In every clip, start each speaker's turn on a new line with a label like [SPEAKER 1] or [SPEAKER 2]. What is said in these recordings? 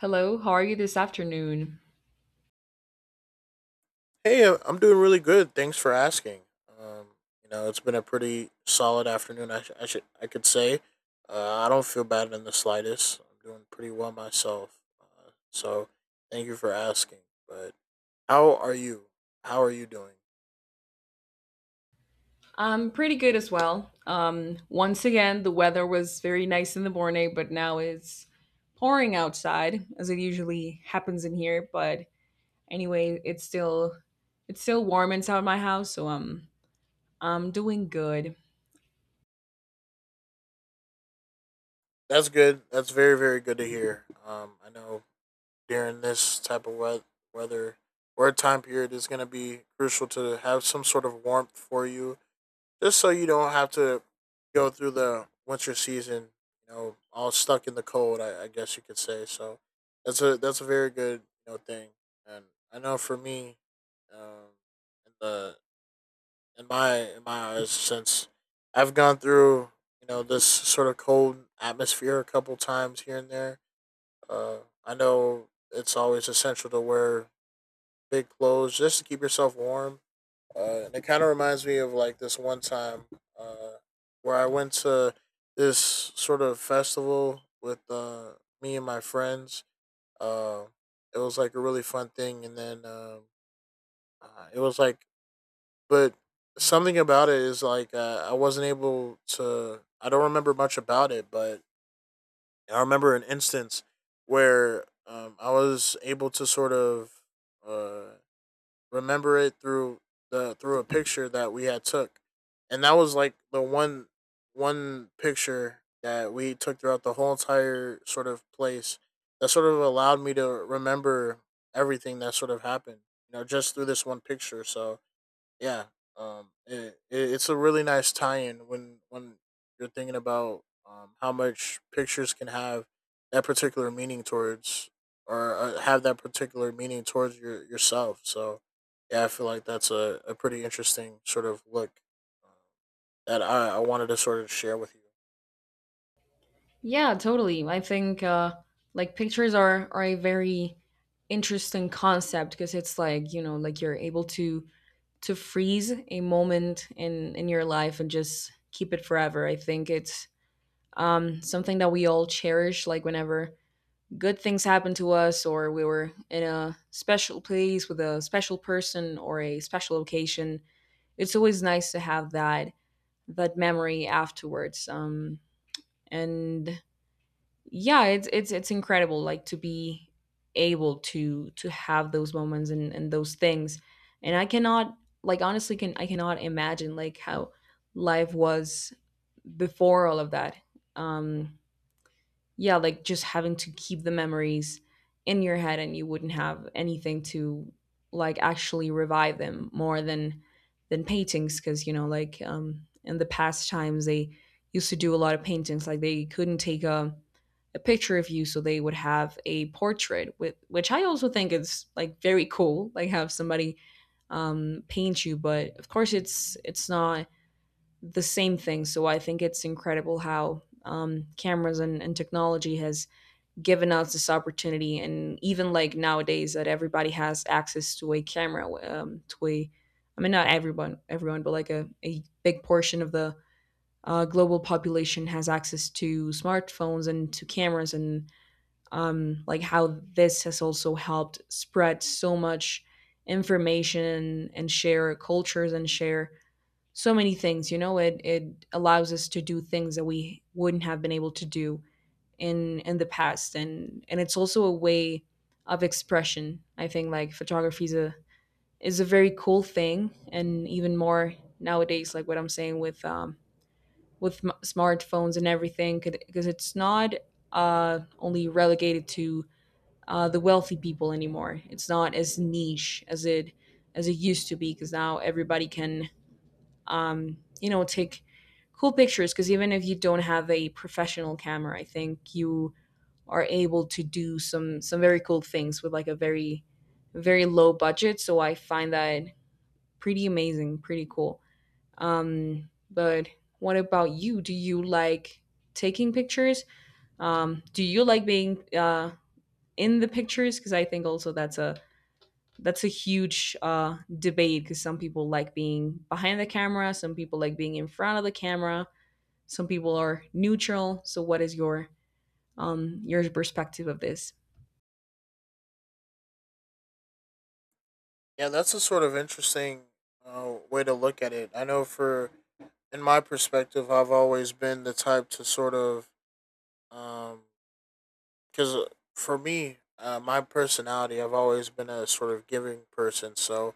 [SPEAKER 1] Hello, how are you this afternoon?
[SPEAKER 2] Hey, I'm doing really good. Thanks for asking. Um, it's been a pretty solid afternoon. I could say, I don't feel bad in the slightest. I'm doing pretty well myself. Thank you for asking. But how are you? How are you doing?
[SPEAKER 1] I'm pretty good as well. Once again, the weather was very nice in the morning, but now it's pouring outside, as it usually happens in here. But anyway, it's still warm inside my house, so I'm doing good.
[SPEAKER 2] That's good. That's very, very good to hear. I know during this weather or time period is going to be crucial to have some sort of warmth for you just so you don't have to go through the winter season, you know, all stuck in the cold. I guess you could say. So that's a very good you know thing, and I know for me, um, in the in my eyes, since I've gone through you know this sort of cold atmosphere a couple times here and there. Uh, I know it's always essential to wear big clothes just to keep yourself warm, and it kind of reminds me of like this one time, uh, where I went to this sort of festival with me and my friends. Uh, it was like a really fun thing, and then it was like, but something about it is like, I wasn't able to. I don't remember much about it, but I remember an instance where, I was able to sort of, uh, remember it through the through a picture that we had took, and that was like the one one picture that we took throughout the whole entire sort of place that sort of allowed me to remember everything that sort of happened. You know, just through this one picture. So yeah, it's a really nice tie-in when you're thinking about how much pictures can have that particular meaning towards or, have that particular meaning towards yourself. So, yeah, I feel like a pretty interesting sort of look, uh, that I wanted to sort of share with you.
[SPEAKER 1] Yeah, totally. I think like pictures are a very interesting concept, because it's like, you know, like you're able to freeze a moment in your life and just keep it forever. I think it's something that we all cherish. Like whenever good things happen to us, or we were in a special place with a special person or a special occasion, it's always nice to have that memory afterwards. And yeah, it's incredible, like to be able to have those moments and those things, and I cannot, like honestly, can I cannot imagine like how life was before all of that. um yeah, like just having to keep the memories in your head, and you wouldn't have anything to like actually revive them more than paintings, because, you know, like, in the past times they used to do a lot of paintings. Like they couldn't take a picture of you, so they would have a portrait with, which I also think is like very cool, like have somebody paint you, but of course it's not the same thing. So I think it's incredible how, cameras and technology has given us this opportunity, and even like nowadays that everybody has access to a camera, to a, I mean, not everyone, but like a big portion of the global population has access to smartphones and to cameras, and like how this has also helped spread so much information and share cultures and share so many things. You know, it allows us to do things that we wouldn't have been able to do in the past, and it's also a way of expression, I think. Like photography is a very cool thing, and even more nowadays, like what I'm saying with smartphones and everything, because it's not only relegated to the wealthy people anymore. It's not as niche as it used to be, because now everybody can, you know, take cool pictures. Because even if you don't have a professional camera, I think you are able to do some very cool things with like a very low budget. So I find that pretty amazing, pretty cool. But what about you? Do you like taking pictures? Do you like being, in the pictures? Because I think also that's a huge debate. Because some people like being behind the camera, some people like being in front of the camera, some people are neutral. So what is your, your perspective of this?
[SPEAKER 2] Yeah, that's a sort of interesting, way to look at it. I know for in my perspective, I've always been the type to sort of, um, because for me, my personality, I've always been a sort of giving person. So,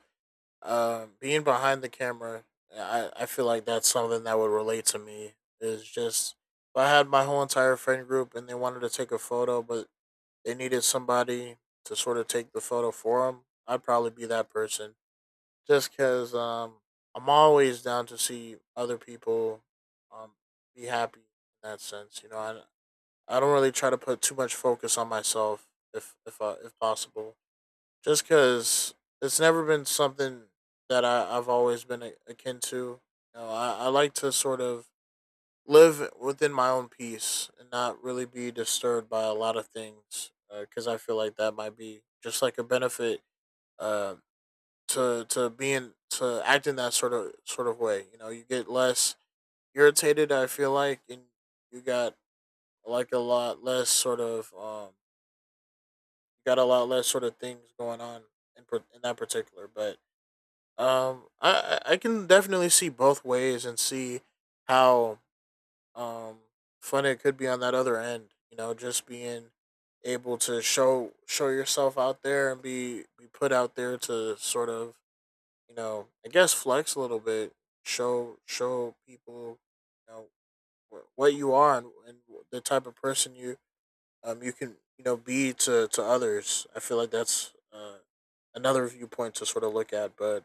[SPEAKER 2] being behind the camera, I feel like that's something that would relate to me. Is just if I had my whole entire friend group and they wanted to take a photo, but they needed somebody to sort of take the photo for them, I'd probably be that person. Just because, I'm always down to see other people, um, be happy in that sense. You know, I don't really try to put too much focus on myself if possible, just because it's never been something that I've always been akin to. You know, I like to sort of live within my own peace and not really be disturbed by a lot of things, because I feel like that might be just like a benefit, uh, to being to acting that sort of way. You know, you get less irritated. I feel like, and you got like a lot less sort of got a lot less sort of things going on in that particular. But I can definitely see both ways and see how um fun it could be on that other end. You know, just being able to show yourself out there and be put out there to sort of you know I guess flex a little bit, show people you know what you are and the type of person you, you can you know be to others. I feel like that's, another viewpoint to sort of look at. But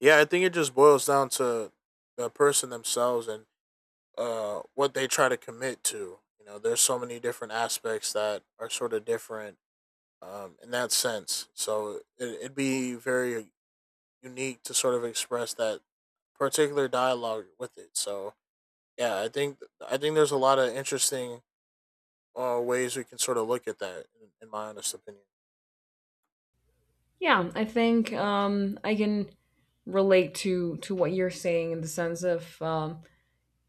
[SPEAKER 2] yeah, I think it just boils down to the person themselves and, what they try to commit to. You know, there's so many different aspects that are sort of different, in that sense. So it'd be very unique to sort of express that particular dialogue with it. So yeah, I think there's a lot of interesting, ways we can sort of look at that, in my honest opinion.
[SPEAKER 1] Yeah, I think, I can relate to what you're saying, in the sense of, um,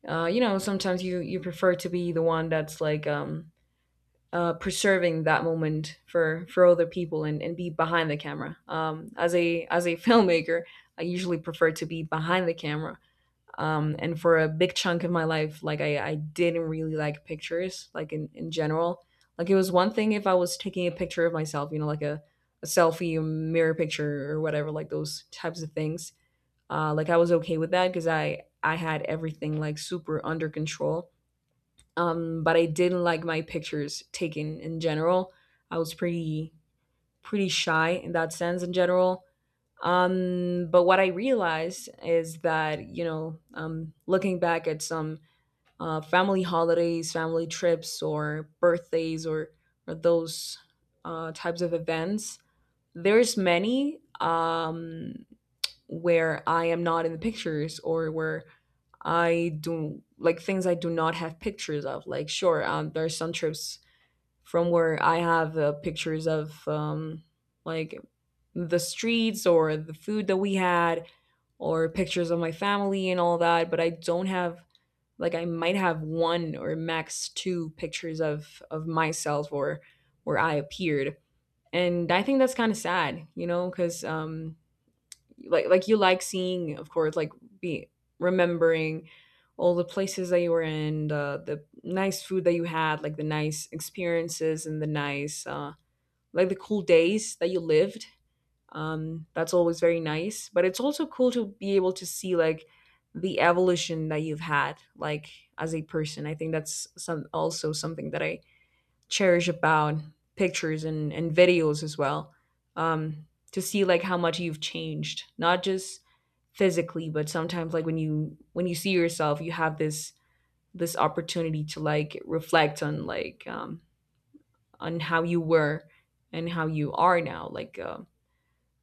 [SPEAKER 1] uh, you know, sometimes you, you prefer to be the one that's like, preserving that moment for other people, and be behind the camera. As a filmmaker, I usually prefer to be behind the camera, and for a big chunk of my life, I didn't really like pictures, like in general. Like it was one thing if I was taking a picture of myself, you know, like a selfie, a mirror picture, or whatever, like those types of things. Like I was okay with that, because I had everything like super under control. Um, but I didn't like my pictures taken in general. I was pretty shy in that sense in general. Um, but what I realized is that, you know, looking back at some family holidays, family trips, or birthdays, or those types of events, there's many, where I am not in the pictures, or where I do like things I do not have pictures of. Like, sure, there are some trips from where I have, pictures of, like the streets or the food that we had, or pictures of my family and all that, but I don't have, like I might have one or max two pictures of myself or where I appeared. And I think that's kind of sad, you know, because like you, like seeing, of course, like be, remembering all the places that you were in, the nice food that you had, like the nice experiences, and the nice like the cool days that you lived. That's always very nice, but it's also cool to be able to see like the evolution that you've had, like as a person. I think that's some, also something that I cherish about pictures, and videos as well. Um, to see like how much you've changed, not just physically, but sometimes like when you, when you see yourself, you have this, this opportunity to like reflect on like, on how you were and how you are now. Like,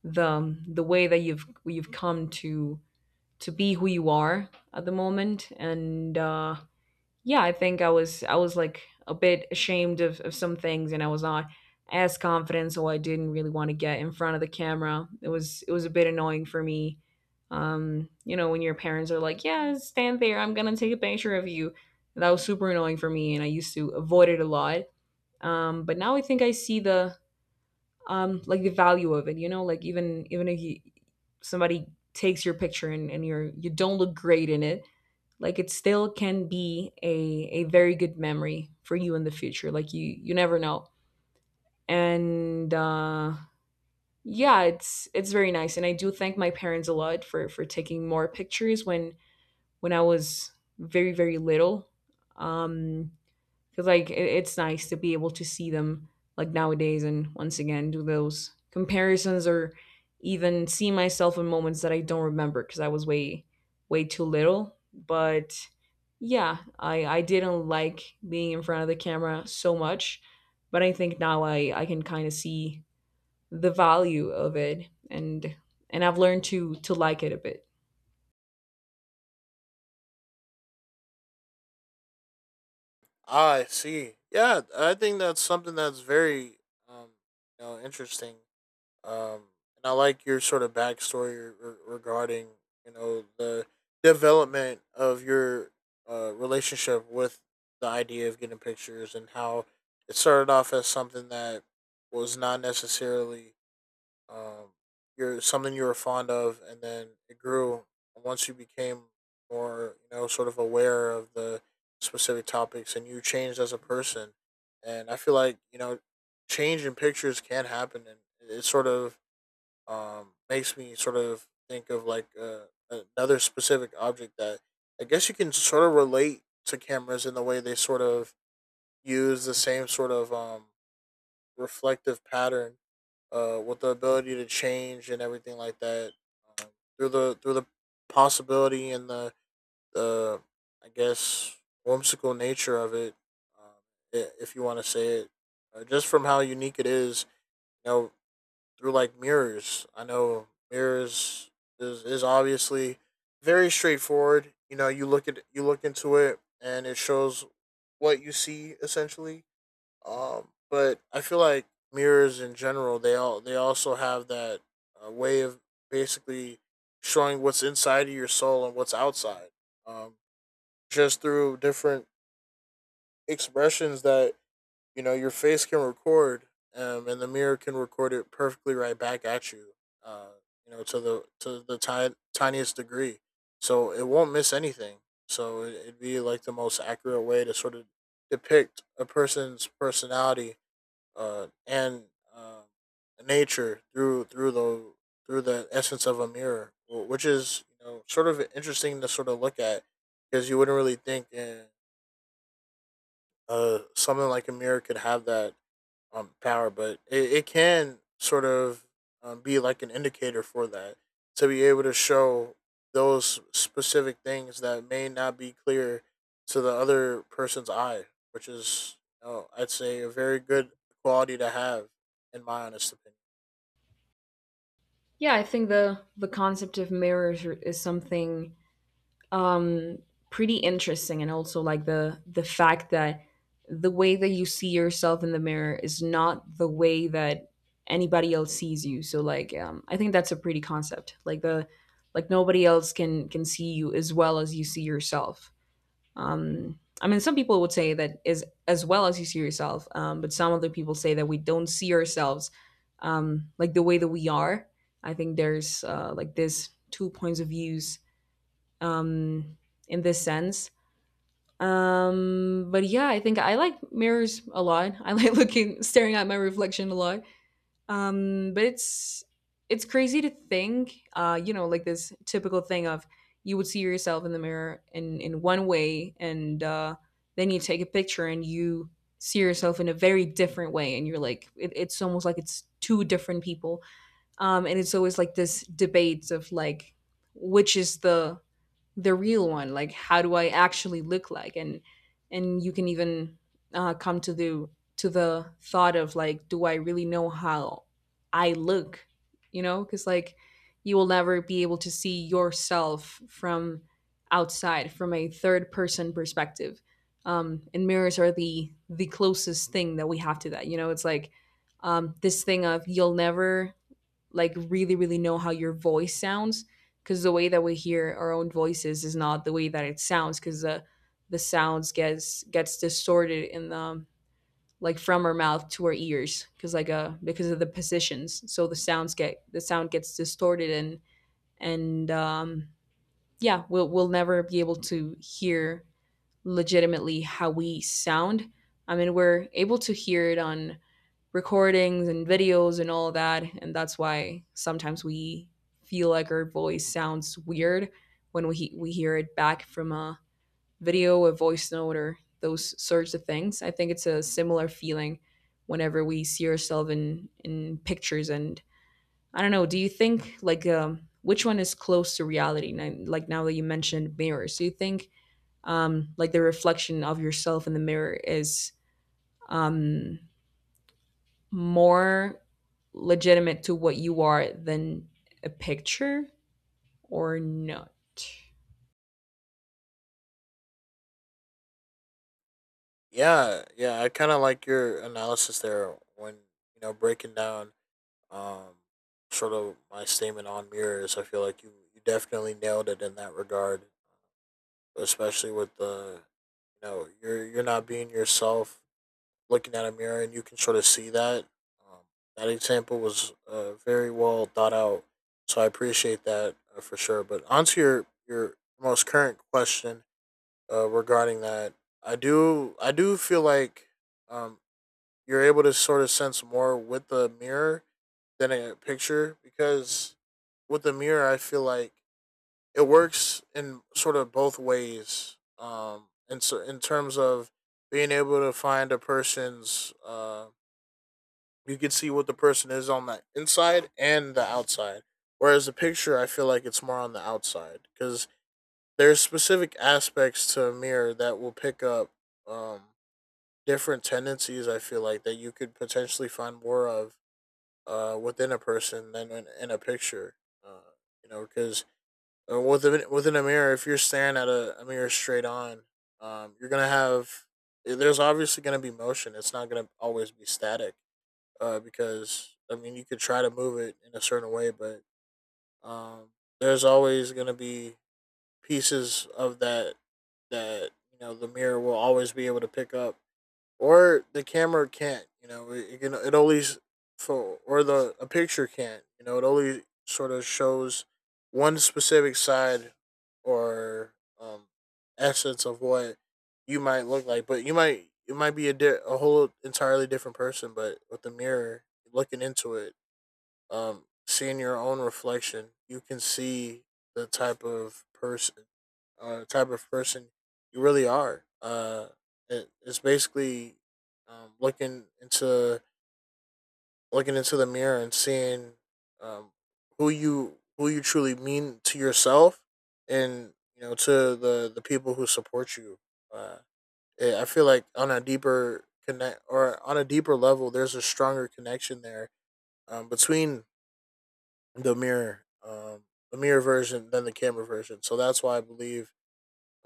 [SPEAKER 1] the way that you've come to be who you are at the moment. And, yeah, I think I was like a bit ashamed of some things, and I was not as confident, so I didn't really want to get in front of the camera. It was a bit annoying for me. Um, you know, when your parents are like, yeah, stand there, I'm gonna take a picture of you. That was super annoying for me, and I used to avoid it a lot. Um, but now I think I see the, like the value of it. You know, like, even if you, somebody takes your picture, and you're, you don't look great in it, like it still can be a very good memory for you in the future. Like you never know. And yeah, it's very nice, and I do thank my parents a lot for taking more pictures when when I was very little. um because like it's nice to be able to see them like nowadays, and once again do those comparisons, or even see myself in moments that I don't remember because I was way too little. But yeah, I didn't like being in front of the camera so much, but I think now I can kind of see the value of it, and I've learned to like it a bit.
[SPEAKER 2] Ah, I see. Yeah, I think that's something that's very, um, you know, interesting. Um, and I like your sort of backstory regarding, you know, the development of your, relationship with the idea of getting pictures and how it started off as something that was not necessarily, um, you're something you were fond of, and then it grew. And once you became more, you know, sort of aware of the specific topics, and you changed as a person. And I feel like you know, change in pictures can happen, and it sort of, makes me sort of think of like, another specific object that I guess you can sort of relate to cameras in the way they sort of use the same sort of, reflective pattern, with the ability to change and everything like that, um, through the possibility and the I guess whimsical nature of it, um, if you want to say it, just from how unique it is. You know, through like mirrors. I know mirrors is obviously very straightforward. You know, you look at you look into it and it shows what you see essentially, but I feel like mirrors in general, they also have that, way of basically showing what's inside of your soul and what's outside. Um, just through different expressions that you know your face can record, and the mirror can record it perfectly right back at you. Uh, you know, to the tiniest degree, so it won't miss anything. So it'd be like the most accurate way to sort of depict a person's personality, and uh, nature through the essence of a mirror, which is you know sort of interesting to sort of look at, because you wouldn't really think, something like a mirror could have that, power, but it can sort of, be like an indicator for that to be able to show those specific things that may not be clear to the other person's eye, which is, you know, I'd say, a very good quality to have, in my honest opinion.
[SPEAKER 1] Yeah, I think the concept of mirrors are- is something, um, pretty interesting. And also like the fact that the way that you see yourself in the mirror is not the way that anybody else sees you. So like, I think that's a pretty concept. Like the, like nobody else can see you as well as you see yourself. I mean, some people would say that is as well as you see yourself, but some other people say that we don't see ourselves, like the way that we are. I think there's like this two points of views, um, in this sense. But yeah, I think I like mirrors a lot. I like looking, staring at my reflection a lot. But it's crazy to think, you know, like this typical thing of, you would see yourself in the mirror in one way, and, then you take a picture and you see yourself in a very different way, and you're like, it, it's almost like it's two different people. And it's always like this debate of like, which is the real one, like how do I actually look like? And you can even, come to the thought of like, do I really know how I look? You know, because like you will never be able to see yourself from outside, from a third person perspective. Um, and mirrors are the closest thing that we have to that. You know, it's like, this thing of, you'll never like really know how your voice sounds, because the way that we hear our own voices is not the way that it sounds, because the sounds gets distorted in the, like from our mouth to our ears, because like because of the positions, so the sounds get, the sound gets distorted. And Yeah, we'll never be able to hear legitimately how we sound. I mean, we're able to hear it on recordings and videos and all that. And that's why sometimes we feel like our voice sounds weird when we hear it back from a video, a voice note, or those sorts of things. I think it's a similar feeling whenever we see ourselves in pictures. And I don't know, do you think like which one is close to reality? Like now that you mentioned mirrors, do you think like the reflection of yourself in the mirror is um, more legitimate to what you are than a picture or not?
[SPEAKER 2] Yeah, yeah, I kind of like your analysis there when you know breaking down, um, sort of my statement on mirrors. I feel like you definitely nailed it in that regard. Especially with the you know you're not being yourself looking at a mirror and you can sort of see that, um, that example was, very well thought out, so I appreciate that, for sure, but onto your most current question, regarding that, I do feel like, um, you're able to sort of sense more with the mirror than a picture, because with the mirror I feel like it works in sort of both ways. And so in terms of being able to find a person's, you can see what the person is on the inside and the outside. Whereas the picture, I feel like it's more on the outside, because there's specific aspects to a mirror that will pick up, um, different tendencies. I feel like that you could potentially find more of, within a person than in a picture. Uh, you know, because, within a mirror, if you're staring at a mirror straight on, you're gonna have there's obviously gonna be motion. It's not gonna always be static, because I mean you could try to move it in a certain way, but, um, there's always gonna be pieces of that that you know the mirror will always be able to pick up or the camera can't. You know, it can it always for or the a picture can't. You know, it only sort of shows one specific side or, um essence of what you might look like, but you might it might be a whole entirely different person. But with the mirror looking into it, seeing your own reflection, you can see the type of person, uh, type of person you really are. It's basically, um, looking into looking into the mirror and seeing, um, who you truly mean to yourself, and you know to the people who support you. Uh, I feel like on a deeper level, there's a stronger connection there, between the mirror, um, the mirror version than the camera version. So that's why I believe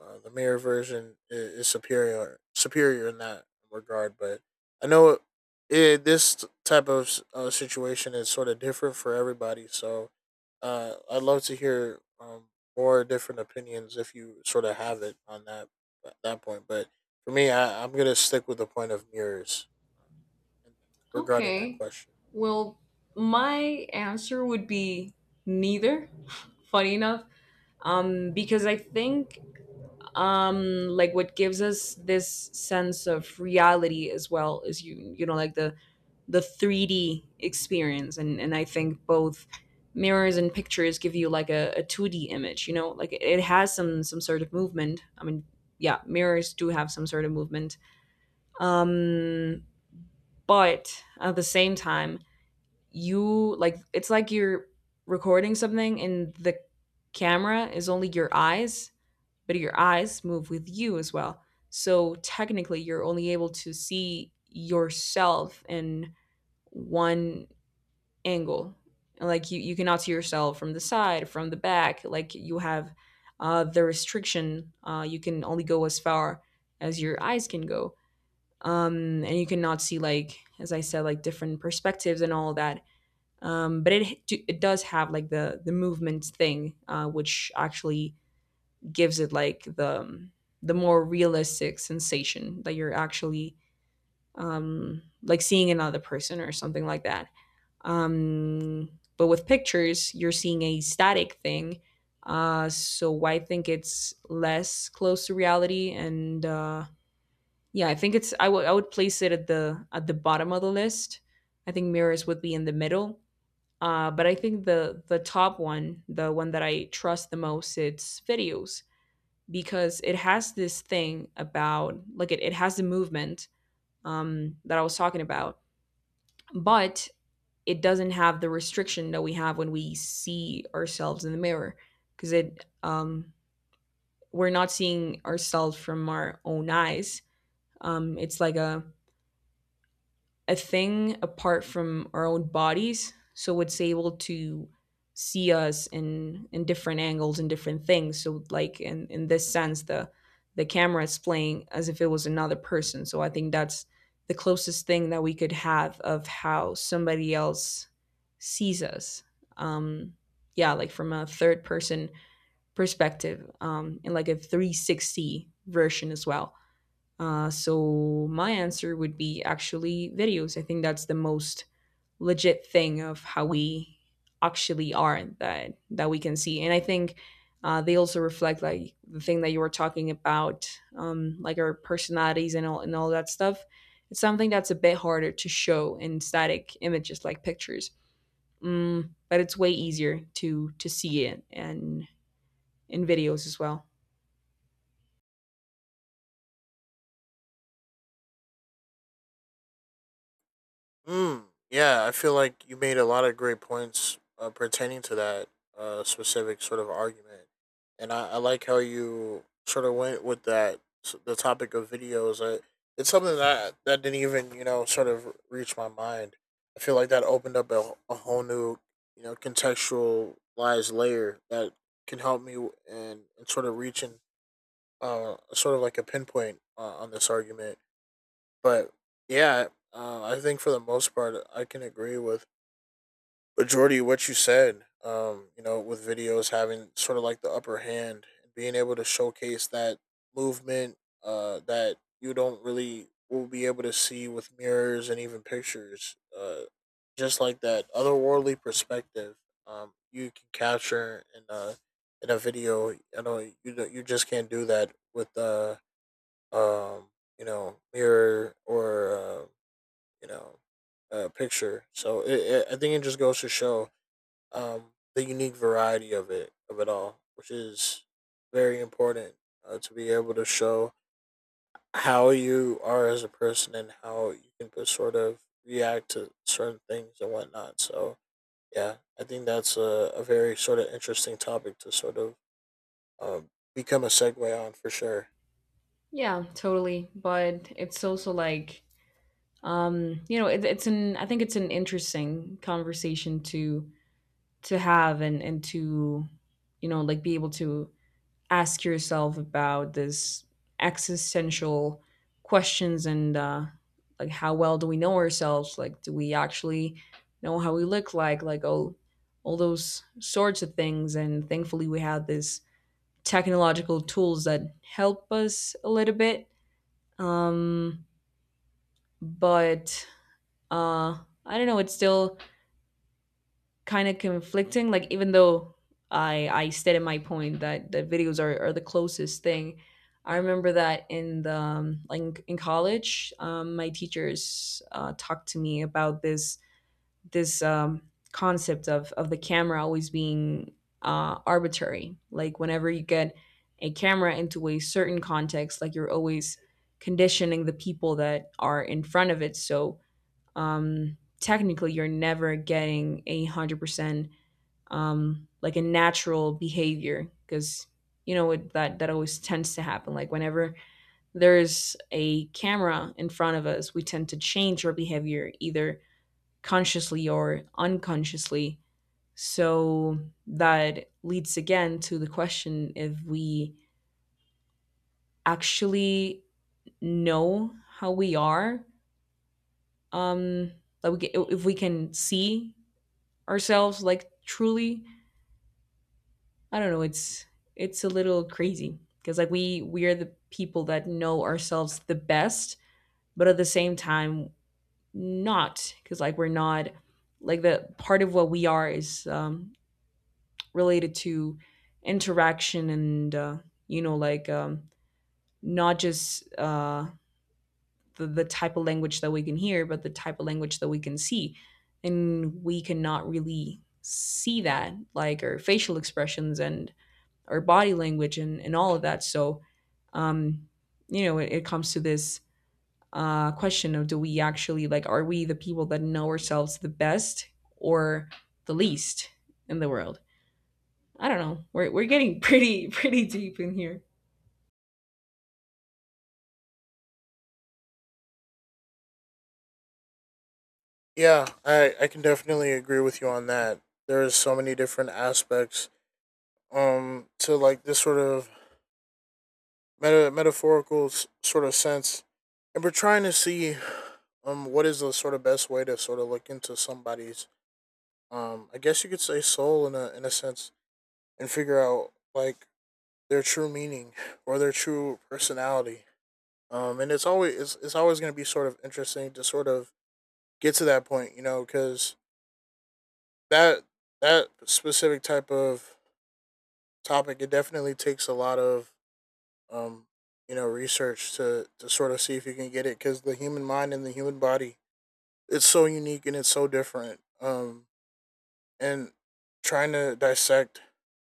[SPEAKER 2] the mirror version is superior in that regard. But I know it, it, this type of situation is sort of different for everybody. So I'd love to hear more different opinions if you sort of have it on that point. But for me, I'm gonna stick with the point of mirrors regarding that
[SPEAKER 1] Okay.
[SPEAKER 2] question.
[SPEAKER 1] Well, my answer would be neither. Funny enough, because I think like what gives us this sense of reality as well is you know like the 3D experience. And I think both mirrors and pictures give you like a 2D image, you know, like it has some sort of movement. I mean, yeah, mirrors do have some sort of movement. Um, but at the same time, you like, it's like you're recording something and the camera is only your eyes, but your eyes move with you as well. So technically, you're only able to see yourself in one angle, and like you cannot see yourself from the side, from the back. Like you have the restriction. You can only go as far as your eyes can go, and you cannot see, like as I said, like different perspectives and all that. But it does have like the movement thing, which actually gives it like the more realistic sensation that you're actually, like, seeing another person or something like that. um, but with pictures, you're seeing a static thing. So I think it's less close to reality, and yeah, I think it's, I would place it at the bottom of the list. I think mirrors would be in the middle. But I think the top one, the one that I trust the most, it's videos because it has this thing about like it has the movement that I was talking about, but it doesn't have the restriction that we have when we see ourselves in the mirror because it we're not seeing ourselves from our own eyes. It's like a thing apart from our own bodies. So it's able to see us in different angles and different things. So like in this sense, the camera is playing as if it was another person. So I think that's the closest thing that we could have of how somebody else sees us. Um, yeah, like from a third person perspective, and like a 360 version as well. So my answer would be actually videos. I think that's the most legit thing of how we actually are that we can see, and I think they also reflect like the thing that you were talking about, like our personalities and all that stuff. It's something that's a bit harder to show in static images like pictures, mm, but it's way easier to see it and in videos as well.
[SPEAKER 2] Mm, yeah, I feel like you made a lot of great points pertaining to that specific sort of argument, and I like how you sort of went with the topic of videos. I, it's something that didn't even you know sort of reach my mind. I feel like that opened up a whole new you know contextualized layer that can help me w- and sort of reaching sort of like a pinpoint on this argument but yeah, I think for the most part, I can agree with majority of what you said. You know, with videos having sort of like the upper hand and being able to showcase that movement that you don't really will be able to see with mirrors and even pictures. Just like that otherworldly perspective, you can capture in a video. I know you you just can't do that with um, you know mirror or uh, you know picture. So I think it just goes to show the unique variety of it all, which is very important to be able to show how you are as a person and how you can put sort of react to certain things and whatnot. So yeah, I think that's a very sort of interesting topic to sort of become a segue on for sure.
[SPEAKER 1] Yeah, totally. But it's also like you know it, it's an I think it's an interesting conversation to have and to you know like be able to ask yourself about this existential questions. And like how well do we know ourselves, like do we actually know how we look like all those sorts of things. And thankfully we have these technological tools that help us a little bit. Um but uh I don't know, it's still kind of conflicting. Like even though I stated my point that videos are the closest thing, I remember that in the like in college, my teachers talked to me about this this um, concept of the camera always being arbitrary. Like whenever you get a camera into a certain context, like you're always conditioning the people that are in front of it. So technically you're never getting 100%, like, a natural behavior, because you know it, that always tends to happen. Like whenever there's a camera in front of us, we tend to change our behavior, either consciously or unconsciously. So that leads again to the question if we actually know how we are, um, like we, if we can see ourselves like truly. I don't know, it's a little crazy because like we are the people that know ourselves the best, but at the same time not, because like we're not, like the part of what we are is related to interaction and you know like not just the type of language that we can hear, but the type of language that we can see. And we cannot really see that, like our facial expressions and our body language and all of that. So, um, you know, it comes to this question of, do we actually like, are we the people that know ourselves the best or the least in the world? I don't know. We're getting pretty, pretty deep in here.
[SPEAKER 2] Yeah, I can definitely agree with you on that. There is so many different aspects to like this sort of metaphorical sort of sense and we're trying to see what is the sort of best way to sort of look into somebody's I guess you could say soul in a sense and figure out like their true meaning or their true personality and it's always going to be sort of interesting to sort of get to that point you know because that that specific type of topic it definitely takes a lot of um, you know, research to sort of see if you can get it because the human mind and the human body, it's so unique and it's so different. And trying to dissect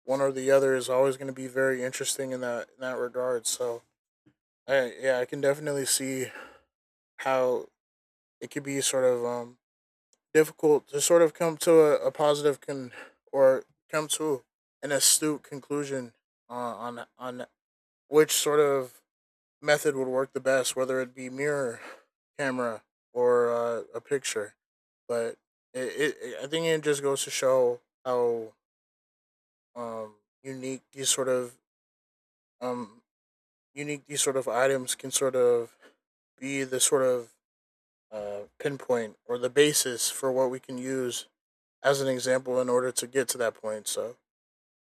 [SPEAKER 2] one or the other is always going to be very interesting in that regard. So, yeah, I can definitely see how it could be sort of difficult to sort of come to a positive con or come to an astute conclusion on which sort of method would work the best, whether it be mirror, camera, or a picture. But I think it just goes to show how um, unique these sort of um, unique these sort of items can sort of be the sort of pinpoint or the basis for what we can use as an example in order to get to that point. So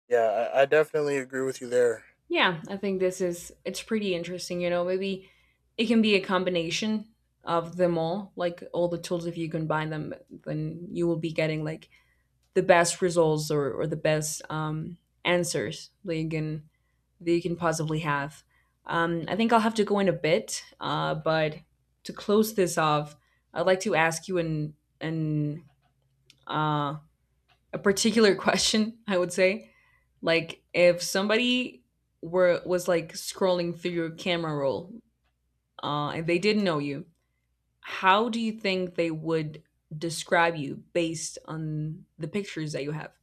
[SPEAKER 2] yeah, I definitely agree with you there.
[SPEAKER 1] Yeah, I think this is, it's pretty interesting. You know, maybe it can be a combination of them all, like all the tools. If you combine them, then you will be getting like the best results, or the best answers. Like, and that you can possibly have. I think I'll have to go in a bit, but to close this off, I'd like to ask you an uh, a particular question. I would say, like, if somebody were was like scrolling through your camera roll, and they didn't know you, how do you think they would describe you based on the pictures that you have?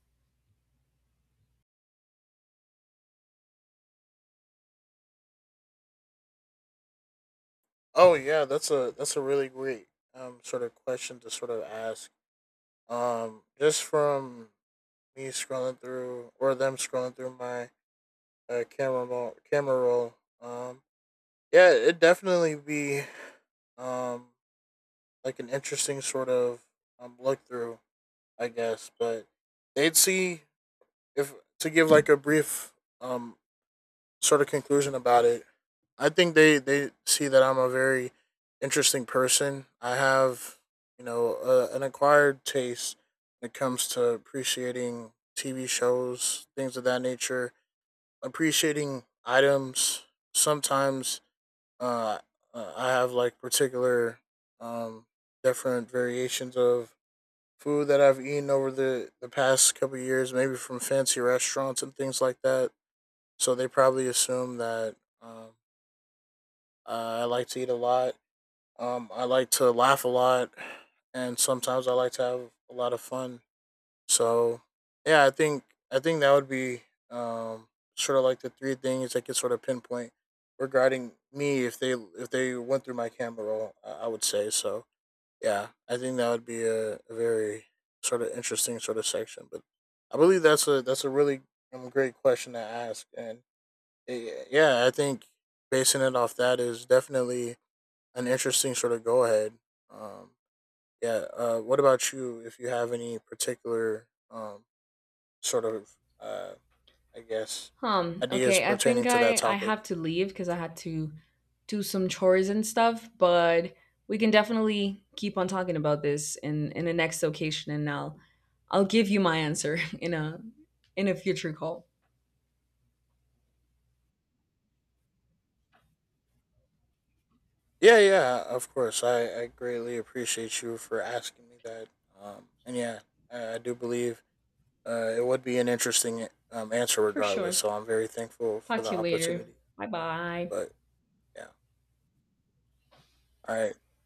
[SPEAKER 2] Oh yeah, that's a really great sort of question to sort of ask. Just from me scrolling through or them scrolling through my camera roll. Um, yeah, it'd definitely be um like an interesting sort of look through, I guess. But they'd see if to give like a brief um sort of conclusion about it. I think they see that I'm a very interesting person. I have you know an acquired taste when it comes to appreciating TV shows, things of that nature, appreciating items. Sometimes uh, I have like particular um, different variations of food that I've eaten over the past couple of years, maybe from fancy restaurants and things like that. So they probably assume that um, I like to eat a lot, I like to laugh a lot, and sometimes I like to have a lot of fun. So, yeah, I think that would be um, sort of like the three things I could sort of pinpoint regarding me if they went through my camera roll. I would say so. Yeah, I think that would be a very sort of interesting sort of section. But I believe that's a really great question to ask, and yeah, I think basing it off that is definitely an interesting sort of go ahead. Um, yeah. What about you? If you have any particular sort of, uh, I guess, ideas
[SPEAKER 1] Okay, I think
[SPEAKER 2] pertaining to that
[SPEAKER 1] I have
[SPEAKER 2] topic?
[SPEAKER 1] to leave because I had to do some chores and stuff, but we can definitely keep on talking about this in the next occasion, and I'll give you my answer in a future call.
[SPEAKER 2] Yeah, yeah. Of course, I greatly appreciate you for asking me that. And yeah, I do believe it would be an interesting answer
[SPEAKER 1] For
[SPEAKER 2] regardless.
[SPEAKER 1] sure.
[SPEAKER 2] So I'm very thankful for
[SPEAKER 1] Talk to
[SPEAKER 2] the
[SPEAKER 1] you later.
[SPEAKER 2] opportunity.
[SPEAKER 1] Bye-bye.
[SPEAKER 2] But yeah. All right.